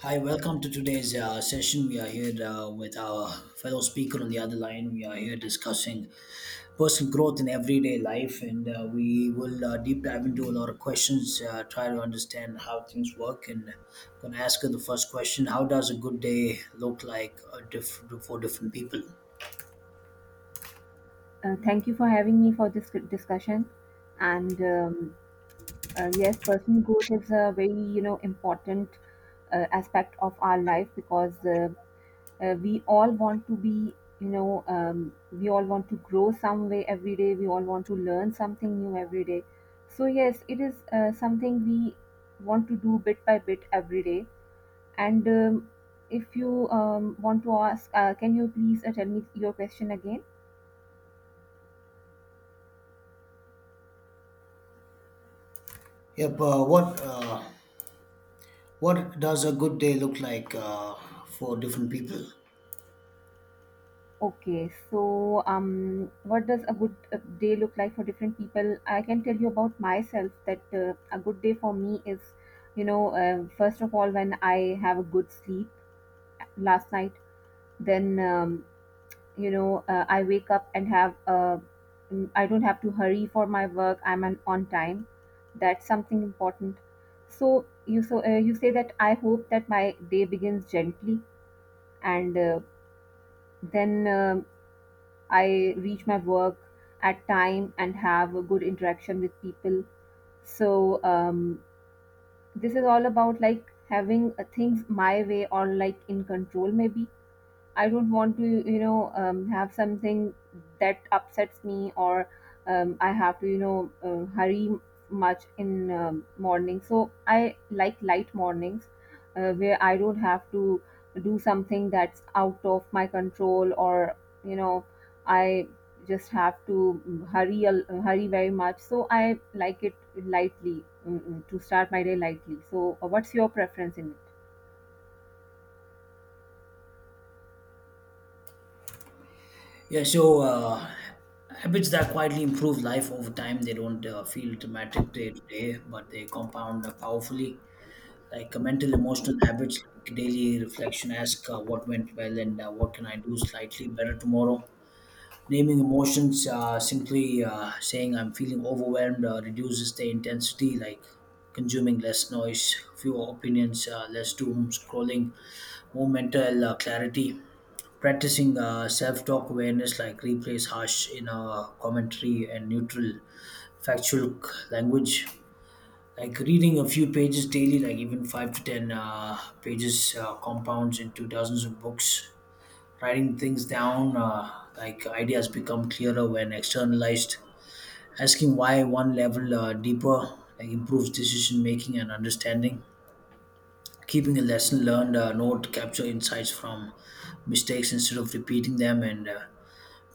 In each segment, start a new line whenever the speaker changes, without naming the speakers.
Hi, welcome to today's session. We are here with our fellow speaker on the other line. We are here discussing personal growth in everyday life, and we will deep dive into a lot of questions, try to understand how things work. And I'm going to ask her the first question. How does a good day look like for different people?
Thank you for having me for this discussion. And yes, personal growth is a very important aspect of our life, because we all want to be you know we all want to grow some way every day. We all want to learn something new every day. So yes, it is something we want to do bit by bit every day. And if you want to ask, can you please tell me your question again?
Yep, what does a good day look like for different people?
Okay, so what does a good day look like for different people? I can tell you about myself that a good day for me is, first of all, when I have a good sleep last night. Then, I wake up and I don't have to hurry for my work. I'm an on time. That's something important. So you say that I hope that my day begins gently, and then I reach my work at time and have a good interaction with people. So this is all about like having things my way, or like in control maybe. I don't want to, have something that upsets me, or I have to, hurry much in morning. So I like light mornings, where I don't have to do something that's out of my control, or, you know, I just have to hurry very much. So I like it lightly, to start my day lightly. So what's your preference in it?
Yeah, so habits that quietly improve life over time, they don't feel dramatic day to day, but they compound powerfully. Like mental, emotional habits, like daily reflection, ask what went well and what can I do slightly better tomorrow. Naming emotions, simply saying I'm feeling overwhelmed, reduces the intensity, like consuming less noise, fewer opinions, less doom scrolling, more mental clarity. Practicing self talk awareness, like replace harsh in a commentary and neutral, language. Like reading a few pages daily, like even five to ten pages, compounds into dozens of books. Writing things down, like ideas become clearer when externalized. Asking why one level deeper, like improves decision making and understanding, keeping a lesson learned note, capture insights from mistakes instead of repeating them, and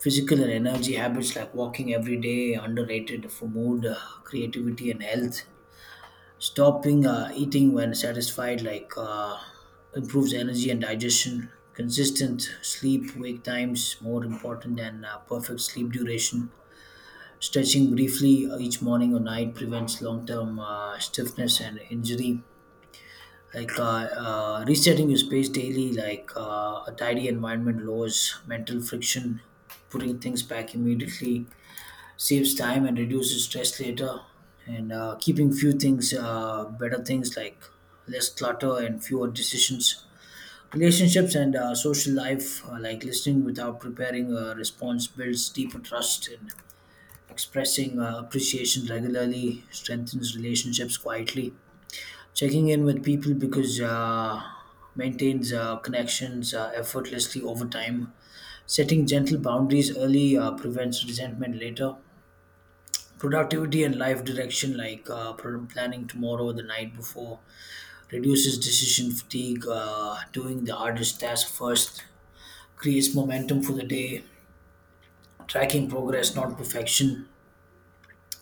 physical and energy habits like walking every day, underrated for mood, creativity, and health, stopping eating when satisfied, like improves energy and digestion, consistent sleep wake times more important than perfect sleep duration, stretching briefly each morning or night prevents long-term stiffness and injury, like resetting your space daily, like a tidy environment lowers mental friction, putting things back immediately saves time and reduces stress later, and keeping few things, better things, like less clutter and fewer decisions. Relationships and social life, like listening without preparing a response, builds deeper trust, and expressing appreciation regularly strengthens relationships quietly. Checking in with people because maintains connections effortlessly over time. Setting gentle boundaries early prevents resentment later. Productivity and life direction, like planning tomorrow the night before, reduces decision fatigue. Doing the hardest task first creates momentum for the day. Tracking progress, not perfection,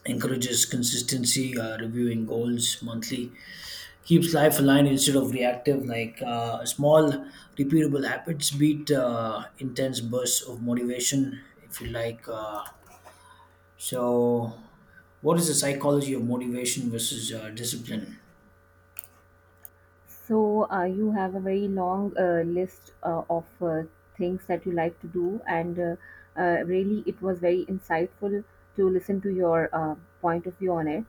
encourages consistency. Reviewing goals monthly keeps life aligned instead of reactive. Like small, repeatable habits beat intense bursts of motivation, if you like. So, what is the psychology of motivation versus discipline?
So, you have a very long list of things that you like to do, and really, it was very insightful to listen to your point of view on it.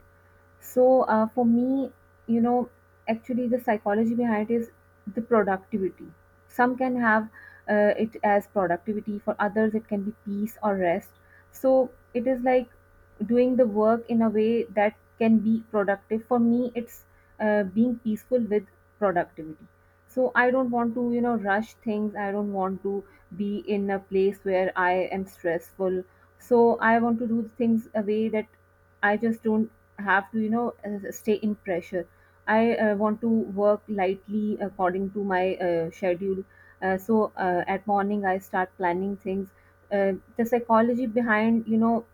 So for me, you know, actually the psychology behind it is the productivity. Some can have it as productivity. For others, it can be peace or rest. So it is like doing the work in a way that can be productive. For me, it's being peaceful with productivity. So I don't want to, rush things. I don't want to be in a place where I am stressful. So I want to do things a way that I just don't have to stay in pressure. I want to work lightly according to my schedule. So at morning, I start planning things. Uh, the psychology behind, you know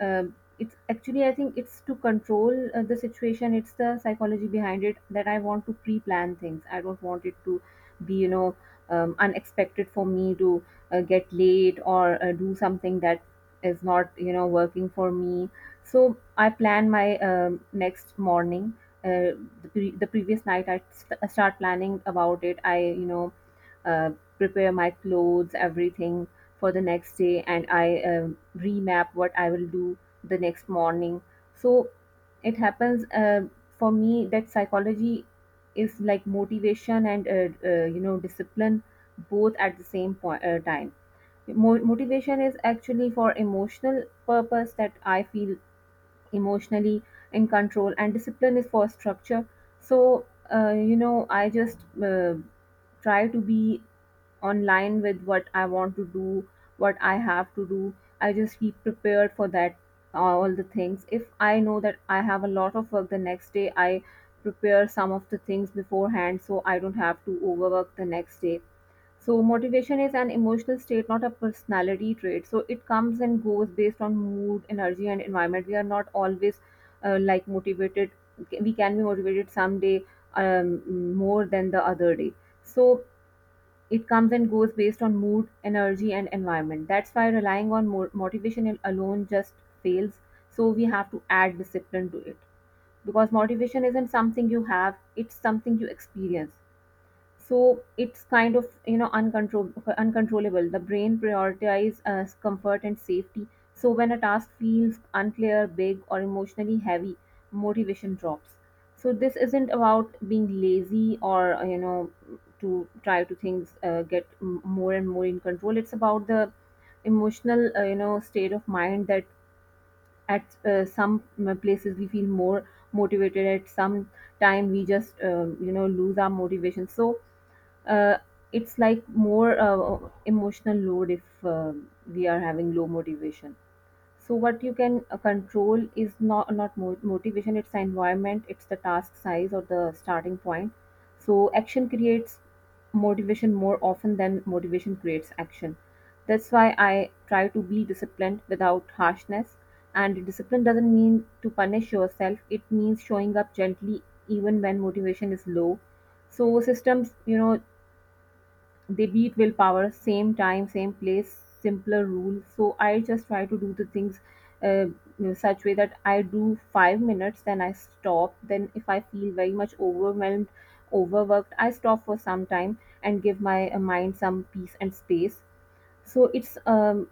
um, it's actually, I think, it's to control the situation. It's the psychology behind it, that I want to pre-plan things. I don't want it to be, unexpected for me to get late, or do something that is not, working for me. So I plan my next morning. Uh, the, pre- the previous night I start planning about it. I uh, prepare my clothes, everything, for the next day, and I remap what I will do the next morning. So it happens for me that psychology is like motivation and discipline, both at the same point, time. Motivation is actually for emotional purpose, that I feel emotionally in control, and discipline is for structure. So I just try to be online with what I want to do, what I have to do. I just keep prepared for that, all the things. If I know that I have a lot of work the next day, I prepare some of the things beforehand, so I don't have to overwork the next day. So, motivation is an emotional state, not a personality trait. So, it comes and goes based on mood, energy, and environment. We are not always like motivated. We can be motivated some day more than the other day. So, it comes and goes based on mood, energy and environment. That's why relying on motivation alone just fails. So we have to add discipline to it. Because motivation isn't something you have, it's something you experience. So it's kind of uncontrollable. The brain prioritizes comfort and safety. So when a task feels unclear, big, or emotionally heavy, motivation drops. So this isn't about being lazy, or to try to things get more and more in control. It's about the emotional, state of mind, that at some places we feel more motivated, at some time we just lose our motivation. So uh, it's like more emotional load if we are having low motivation. So what you can control is not motivation. It's the environment. It's the task size or the starting point. So action creates motivation more often than motivation creates action. That's why I try to be disciplined without harshness. And discipline doesn't mean to punish yourself. It means showing up gently even when motivation is low. So systems, they beat willpower, same time, same place, simpler rule. So I just try to do the things uh, in such way that I do 5 minutes, then I stop. Then if I feel very much overwhelmed, overworked, I stop for some time and give my mind some peace and space. So it's um,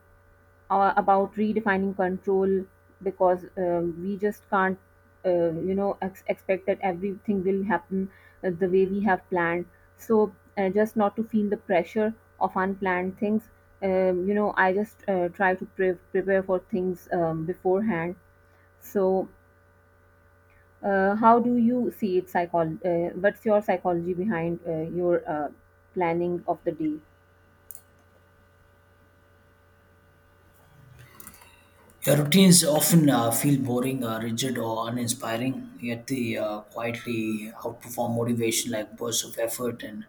uh, about redefining control, because we just can't expect that everything will happen the way we have planned. So just not to feel the pressure of unplanned things, I just try to prepare for things beforehand. So how do you see it, what's your psychology behind your planning of the day?
Your routines often feel boring, rigid, or uninspiring, yet they quietly outperform motivation like bursts of effort and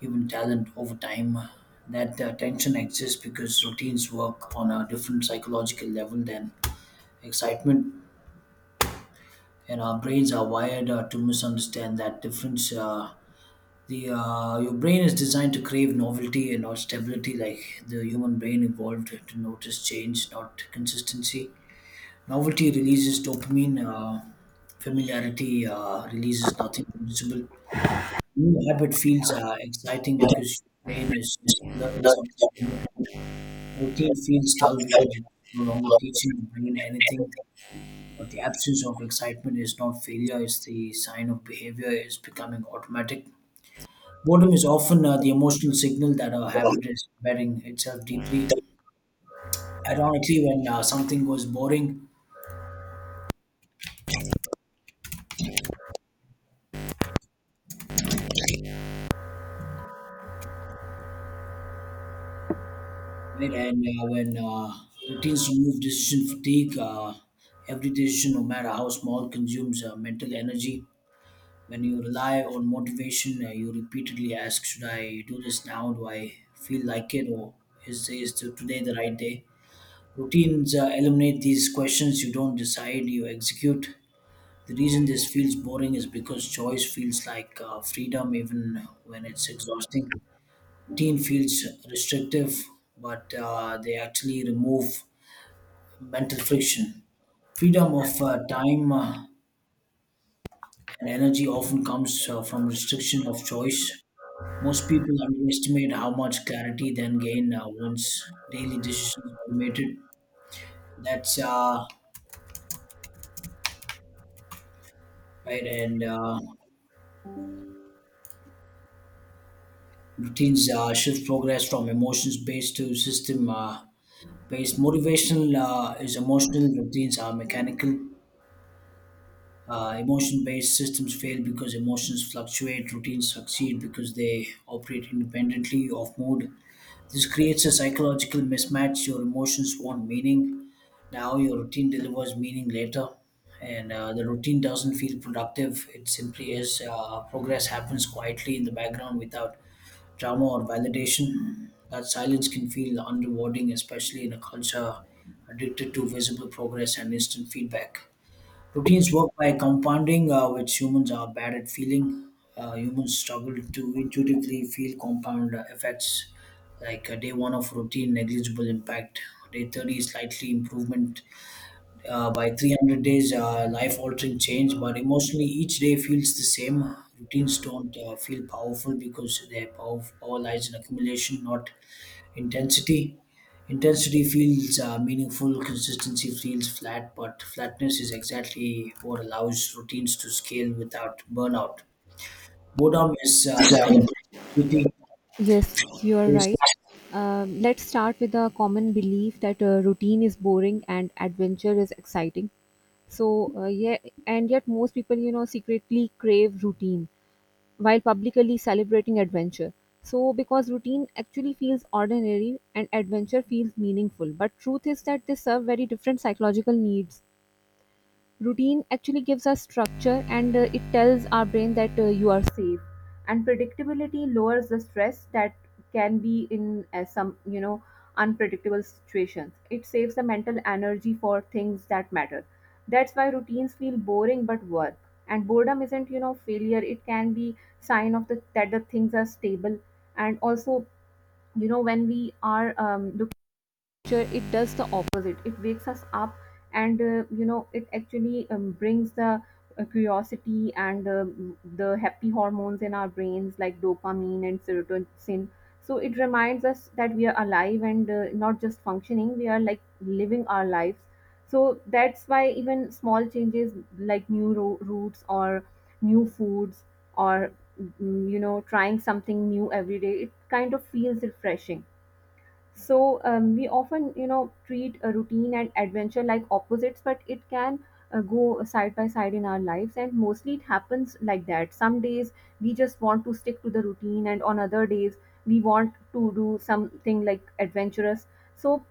even talent over time. That tension exists because routines work on a different psychological level than excitement, and our brains are wired to misunderstand that difference. The your brain is designed to crave novelty and not stability, like the human brain evolved to notice change, not consistency. Novelty releases dopamine. Familiarity releases nothing noticeable. New habit feels exciting because your brain is learning something new. Routine feels dull because it's no longer teaching the brain anything. But the absence of excitement is not failure, it's the sign of behavior is becoming automatic. Boredom is often the emotional signal that our habit is embedding itself deeply. Ironically, when something goes boring, right, and when routines remove decision fatigue, every decision, no matter how small, consumes mental energy. When you rely on motivation, you repeatedly ask, "Should I do this now? Do I feel like it? Or is today the right day?" Routines eliminate these questions. You don't decide, you execute. The reason this feels boring is because choice feels like freedom, even when it's exhausting. Routine feels restrictive, but they actually remove mental friction. Freedom of time and energy often comes from restriction of choice. Most people underestimate how much clarity then gain once daily decisions are automated. That's right, and routines shift progress from emotions based to system based. Motivational is emotional, routines are mechanical. Emotion based systems fail because emotions fluctuate. Routines succeed because they operate independently of mood. This creates a psychological mismatch. Your emotions want meaning now, your routine delivers meaning later, and the routine doesn't feel productive, it simply is. Progress happens quietly in the background without drama or validation. That silence can feel unrewarding, especially in a culture addicted to visible progress and instant feedback. Routines work by compounding, which humans are bad at feeling. Humans struggle to intuitively feel compound effects, like day one of routine, negligible impact, day 30, slightly improvement, by 300 days, life altering change. But emotionally, each day feels the same. Routines don't feel powerful because their power, lies in accumulation, not intensity. Intensity feels meaningful, consistency feels flat, but flatness is exactly what allows routines to scale without burnout. Boredom is the price. Routine
Yes, you are
is,
right. Let's start with the common belief that routine is boring and adventure is exciting. So, yeah, and yet most people, secretly crave routine while publicly celebrating adventure. So, because routine actually feels ordinary and adventure feels meaningful, but truth is that they serve very different psychological needs. Routine actually gives us structure, and it tells our brain that you are safe, and predictability lowers the stress that can be in some, unpredictable situations. It saves the mental energy for things that matter. That's why routines feel boring but work. And boredom isn't, failure. It can be sign of the that the things are stable. And also, when we are looking nature, it does the opposite. It wakes us up, and it actually brings the curiosity and the happy hormones in our brains, like dopamine and serotonin. So it reminds us that we are alive and not just functioning. We are like living our lives. So that's why even small changes, like new routes, or new foods, or trying something new every day, it kind of feels refreshing. So we often, treat a routine and adventure like opposites, but it can go side by side in our lives, and mostly it happens like that. Some days we just want to stick to the routine, and on other days we want to do something like adventurous. So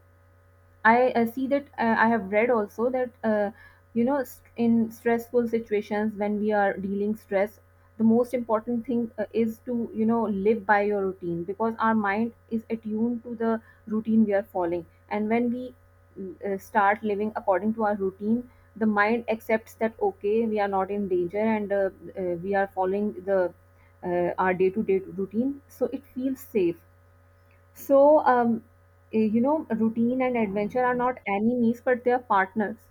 I see that I have read also that in stressful situations, when we are dealing stress, the most important thing is to live by your routine, because our mind is attuned to the routine we are following, and when we start living according to our routine, the mind accepts that okay, we are not in danger, and we are following the our day-to-day routine, so it feels safe. So, routine and adventure are not enemies, but they are partners.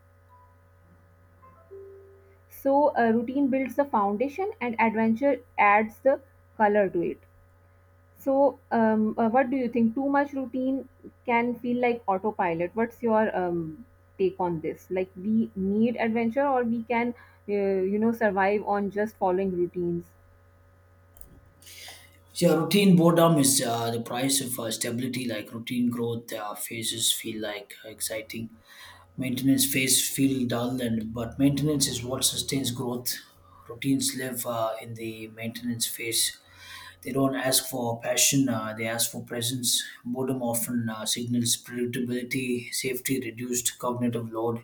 So, routine builds the foundation, and adventure adds the color to it. So, what do you think? Too much routine can feel like autopilot. What's your take on this? Like, we need adventure, or we can, survive on just following routines.
yeah, routine boredom is the price of stability. Like routine growth phases feel like exciting. Maintenance phase feel dull, and but maintenance is what sustains growth. Routines live in the maintenance phase. They don't ask for passion; they ask for presence. Boredom often signals predictability, safety, reduced cognitive load.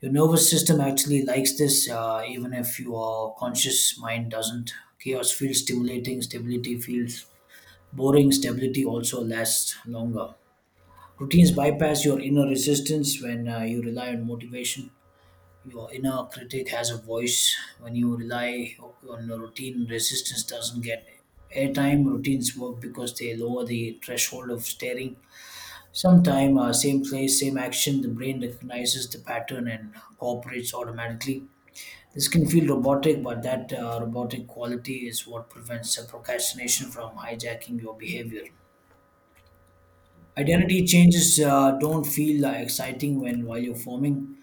Your nervous system actually likes this, even if your conscious mind doesn't. Chaos feels stimulating, stability feels boring, stability also lasts longer. Routines bypass your inner resistance. When you rely on motivation, your inner critic has a voice. When you rely on a routine, resistance doesn't get airtime. Routines work because they lower the threshold of staring. Sometime, same place, same action, the brain recognizes the pattern and cooperates automatically. This can feel robotic, but that robotic quality is what prevents procrastination from hijacking your behavior. Identity changes don't feel exciting when while you're forming,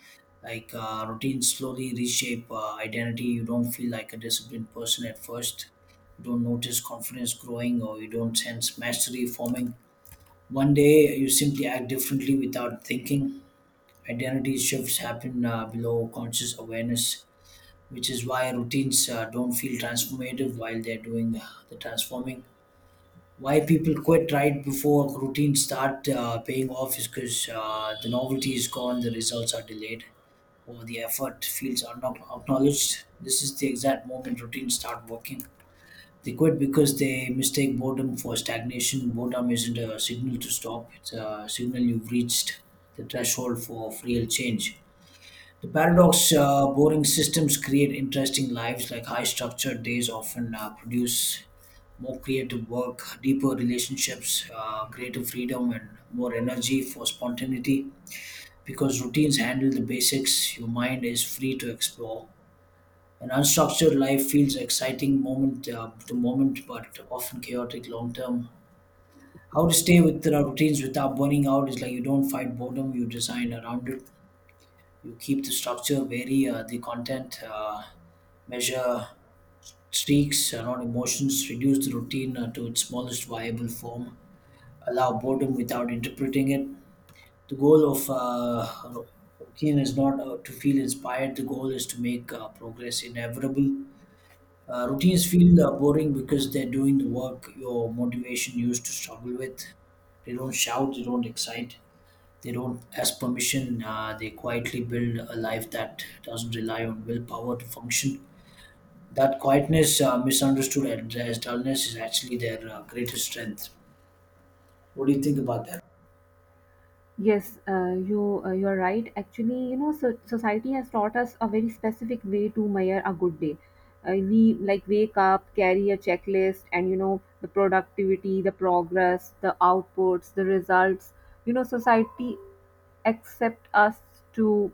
like routines slowly reshape identity. You don't feel like a disciplined person at first, you don't notice confidence growing, or you don't sense mastery forming. One day you simply act differently without thinking. Identity shifts happen below conscious awareness, which is why routines don't feel transformative while they're doing the transforming. Why people quit right before routines start paying off is because the novelty is gone, the results are delayed, or the effort feels acknowledged. This is the exact moment routines start working. They quit because they mistake boredom for stagnation. Boredom isn't a signal to stop, it's a signal you've reached the threshold for real change. The paradox, boring systems create interesting lives, like high structured days often produce more creative work, deeper relationships, greater freedom, and more energy for spontaneity. Because routines handle the basics, your mind is free to explore. An unstructured life feels exciting moment to moment, but often chaotic long term. How to stay with the routines without burning out is, like, you don't fight boredom, you design around it. You keep the structure, vary the content, measure streaks, not emotions, reduce the routine to its smallest viable form, allow boredom without interpreting it. The goal of routine is not to feel inspired. The goal is to make progress inevitable. Routines feel boring because they're doing the work your motivation used to struggle with. They don't shout. They don't excite. They don't ask permission. They quietly build a life that doesn't rely on willpower to function. That quietness, misunderstood as dullness, is actually their greatest strength. What do you think about that?
Yes, you're right. Actually, so society has taught us a very specific way to measure a good day. We like wake up, carry a checklist, and the productivity, the progress, the outputs, the results. You know, society accept us to,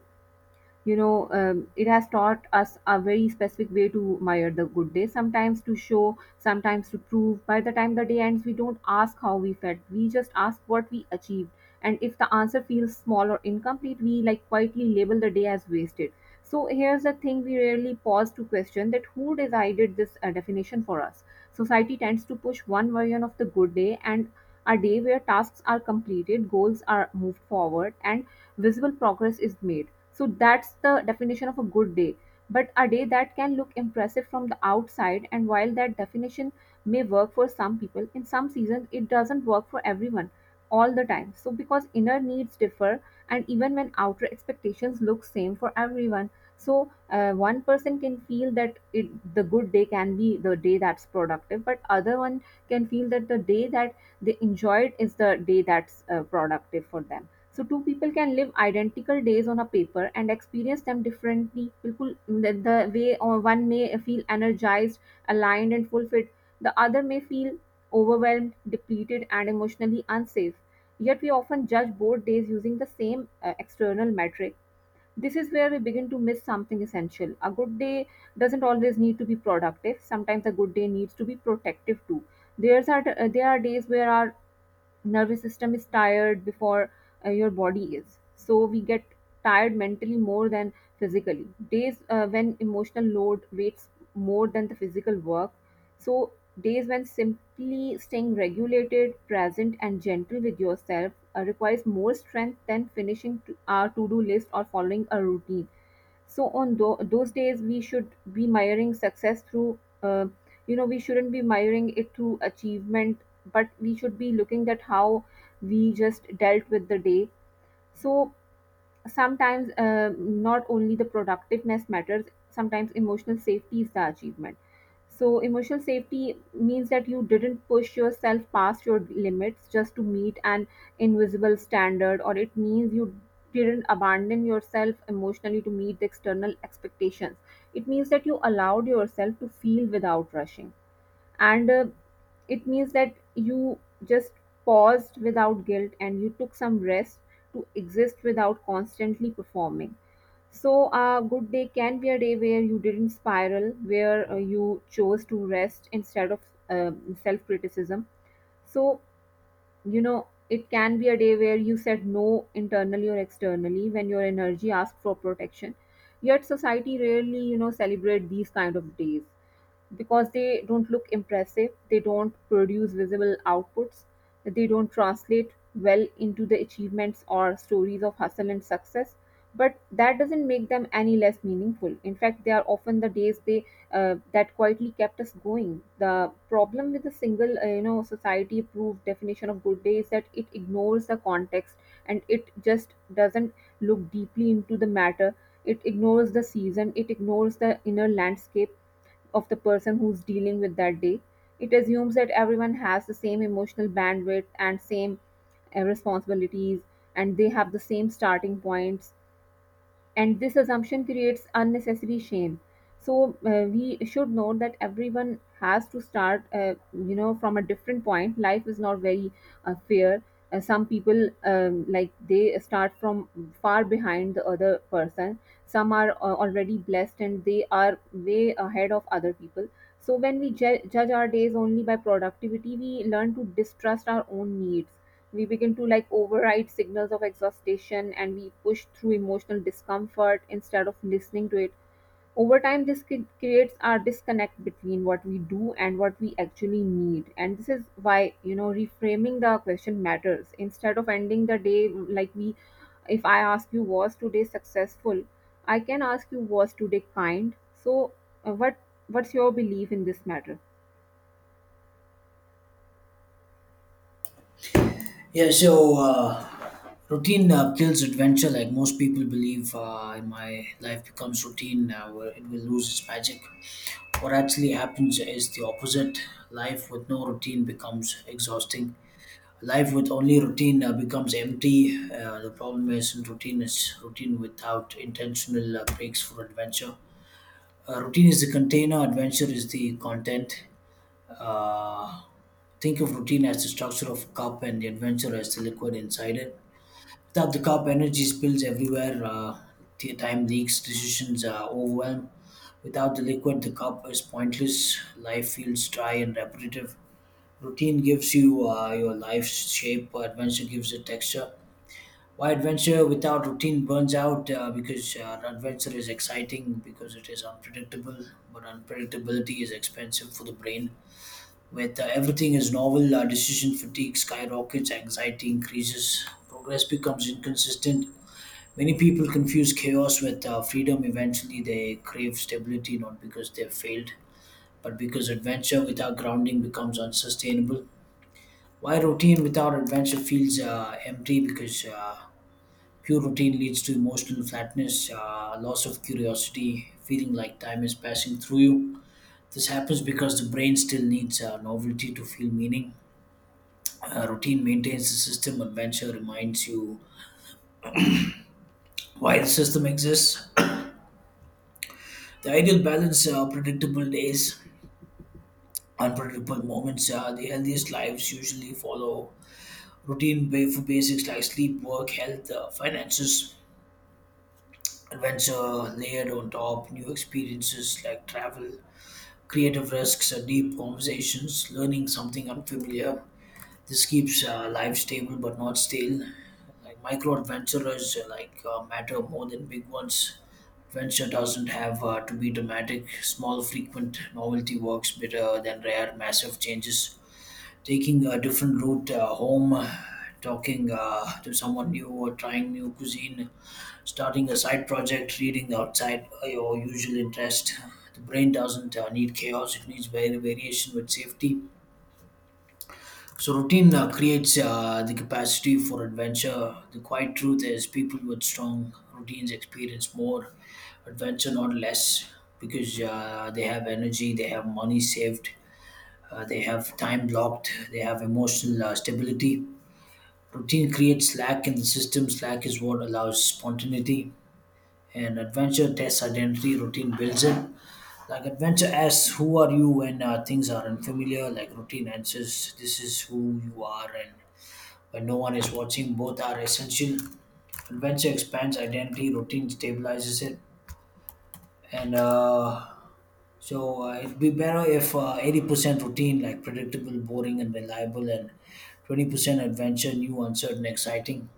you know, it has taught us a very specific way to admire the good day, sometimes to show, sometimes to prove. By the time the day ends, we don't ask how we felt, we just ask what we achieved. And if the answer feels small or incomplete, we like quietly label the day as wasted. So here's the thing, we rarely pause to question that who decided this definition for us. Society tends to push one version of the good day: and a day where tasks are completed, goals are moved forward, and visible progress is made. So that's the definition of a good day. But a day that can look impressive from the outside, and while that definition may work for some people, in some seasons it doesn't work for everyone all the time. So because inner needs differ, and even when outer expectations look same for everyone, so one person can feel that it the good day can be the day that's productive, but other one can feel that the day that they enjoyed is the day that's productive for them. So two people can live identical days on a paper and experience them differently. People, the way or one may feel energized, aligned, and fulfilled, the other may feel overwhelmed, depleted, and emotionally unsafe. Yet we often judge both days using the same external metric. This is where we begin to miss something essential. A good day doesn't always need to be productive. Sometimes a good day needs to be protective too. There are days where our nervous system is tired before your body is, so we get tired mentally more than physically. Days when emotional load weighs more than the physical work, so days when simply staying regulated, present, and gentle with yourself requires more strength than finishing our to-do list or following a routine. So on those days, we should be miring success through, we shouldn't be miring it through achievement, but we should be looking at how we just dealt with the day. So sometimes not only the productiveness matters, sometimes emotional safety is the achievement. So emotional safety means that you didn't push yourself past your limits just to meet an invisible standard, or it means you didn't abandon yourself emotionally to meet the external expectations. It means that you allowed yourself to feel without rushing, and it means that you just paused without guilt and you took some rest to exist without constantly performing. So a good day can be a day where you didn't spiral, where you chose to rest instead of self criticism. So, you know, it can be a day where you said no, internally or externally, when your energy asked for protection. Yet society rarely celebrate these kind of days, because they don't look impressive, they don't produce visible outputs, they don't translate well into the achievements or stories of hustle and success. But that doesn't make them any less meaningful. In fact, they are often the days they that quietly kept us going. The problem with the single, society-approved definition of good day is that it ignores the context, and it just doesn't look deeply into the matter. It ignores the season. It ignores the inner landscape of the person who's dealing with that day. It assumes that everyone has the same emotional bandwidth and same responsibilities, and they have the same starting points, and this assumption creates unnecessary shame. So we should know that everyone has to start you know from a different point. Life is not very fair. Uh, some people like they start from far behind the other person, some are already blessed and they are way ahead of other people. So when we judge our days only by productivity, we learn to distrust our own needs. We begin to like override signals of exhaustion and we push through emotional discomfort instead of listening to it. Over time this creates our disconnect between what we do and what we actually need, and this is why, you know, reframing the question matters. Instead of ending the day like we, if I ask you was today successful, I can ask you was today kind. So uh, what what's your belief in this matter?
Yeah, so routine kills adventure, like most people believe. In my life becomes routine, where it will lose its magic. What actually happens is the opposite. Life with no routine becomes exhausting. Life with only routine becomes empty. The problem isn't routine; it's routine without intentional breaks for adventure. Routine is the container. Adventure is the content. Uh, think of routine as the structure of a cup, and the adventure as the liquid inside it. Without the cup, energy spills everywhere, time leaks, decisions are overwhelmed. Without the liquid, the cup is pointless. Life feels dry and repetitive. Routine gives you your life's shape, but adventure gives it texture. Why adventure without routine burns out? Because adventure is exciting, because it is unpredictable, but unpredictability is expensive for the brain. With everything is novel, decision fatigue skyrockets, anxiety increases, progress becomes inconsistent. Many people confuse chaos with freedom. Eventually, they crave stability not because they've failed, but because adventure without grounding becomes unsustainable. Why routine without adventure feels empty? Because pure routine leads to emotional flatness, loss of curiosity, feeling like time is passing through you. This happens because the brain still needs novelty to feel meaning. Routine maintains the system, adventure reminds you why the system exists. The ideal balance are predictable days, unpredictable moments. The healthiest lives usually follow routine for basics like sleep, work, health, finances, adventure layered on top, new experiences like travel, creative risks, deep conversations, learning something unfamiliar. This keeps life stable but not stale. Like micro adventurers matter more than big ones. Adventure doesn't have to be dramatic. Small, frequent novelty works better than rare, massive changes, taking a different route home, talking to someone new, or trying new cuisine, starting a side project, reading outside your usual interest. The brain doesn't need chaos; it needs variation with safety. So routine creates the capacity for adventure. The quiet truth is, people with strong routines experience more adventure, not less, because they have energy, they have money saved, they have time blocked, they have emotional stability. Routine creates slack in the system. Slack is what allows spontaneity. And adventure tests identity. Routine builds it. Like adventure asks, "Who are you?" when things are unfamiliar. Like routine answers, "This is who you are." And when no one is watching, both are essential. Adventure expands identity. Routine stabilizes it. And so it'd be better if 80% routine, like predictable, boring, and reliable, and 20% adventure, new, uncertain, exciting.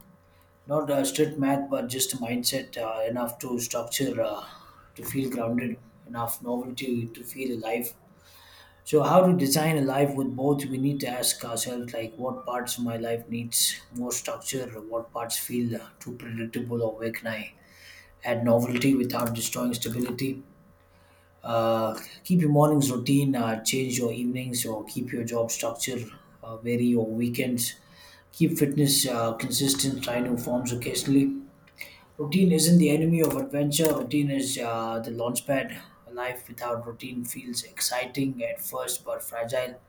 Not strict math, but just a mindset, enough to structure, to feel grounded, enough novelty to feel alive. So, how to design a life with both? We need to ask ourselves, like, what parts of my life needs more structure, what parts feel too predictable, or where can I add novelty without destroying stability? Uh, Keep your mornings routine, change your evenings, or keep your job structure, vary your weekends. Keep fitness consistent, try new forms occasionally. Routine isn't the enemy of adventure. Routine is the launchpad. A life without routine feels exciting at first but fragile.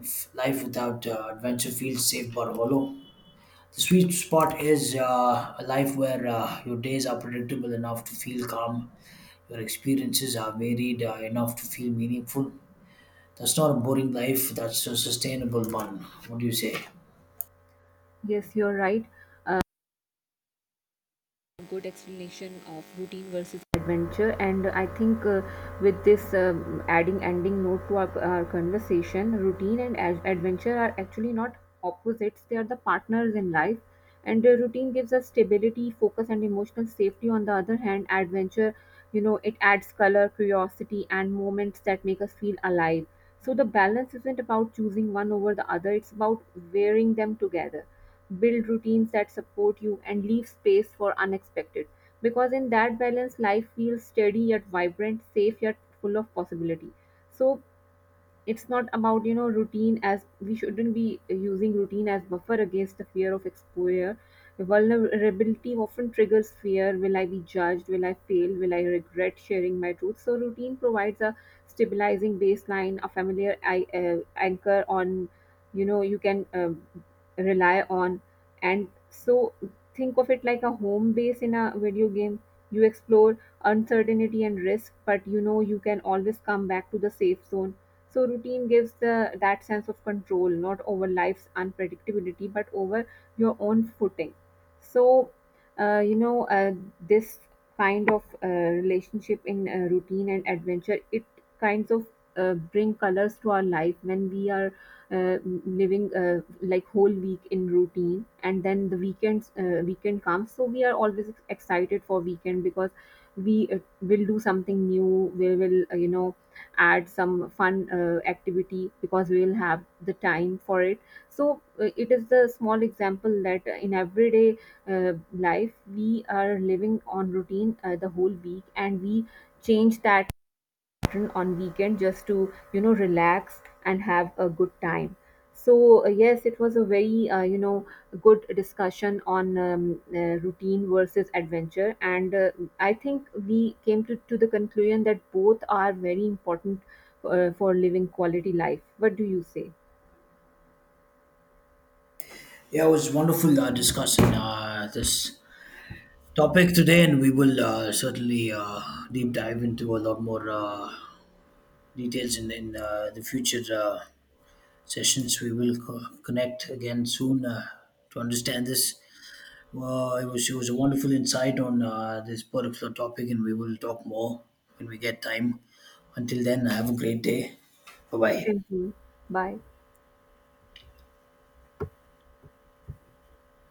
Life without adventure feels safe but hollow. The sweet spot is a life where your days are predictable enough to feel calm, your experiences are varied enough to feel meaningful. That's not a boring life, that's a sustainable one. What do you say?
Yes, you're right. Good explanation of routine versus adventure. And I think with this adding ending note to our conversation, routine and adventure are actually not opposites, they are the partners in life. And routine gives us stability, focus, and emotional safety. On the other hand, adventure, you know, it adds color, curiosity, and moments that make us feel alive. So the balance isn't about choosing one over the other, it's about wearing them together, build routines that support you, and leave space for unexpected. Because in that balance, life feels steady yet vibrant, safe yet full of possibility. So it's not about, you know, routine as we shouldn't be using routine as buffer against the fear of exposure. Vulnerability often triggers fear. Will I be judged? Will I fail? Will I regret sharing my truth? So routine provides a stabilizing baseline, a familiar anchor on, you know, you can rely on. And so think of it like a home base in a video game. You explore uncertainty and risk, but, you know, you can always come back to the safe zone. So routine gives the that sense of control, not over life's unpredictability, but over your own footing. So, uh, you know, uh, this kind of relationship in routine and adventure, it kinds of bring colors to our life when we are uh, living like whole week in routine and then the weekends weekend comes, so we are always excited for weekend because we will do something new, we will, you know, add some fun activity because we will have the time for it. So it is the small example that in everyday life we are living on routine the whole week and we change that often on weekend just to, you know, relax and have a good time. So yes, it was a very good discussion on routine versus adventure. And I think we came to the conclusion that both are very important for living quality life. What do you say?
Yeah, it was wonderful discussing this topic today, and we will certainly deep dive into a lot more details in the future sessions. We will connect again soon to understand this. Well, it was a wonderful insight on this particular topic, and we will talk more when we get time. Until then, have a great day. Bye bye.
Same to you. Bye.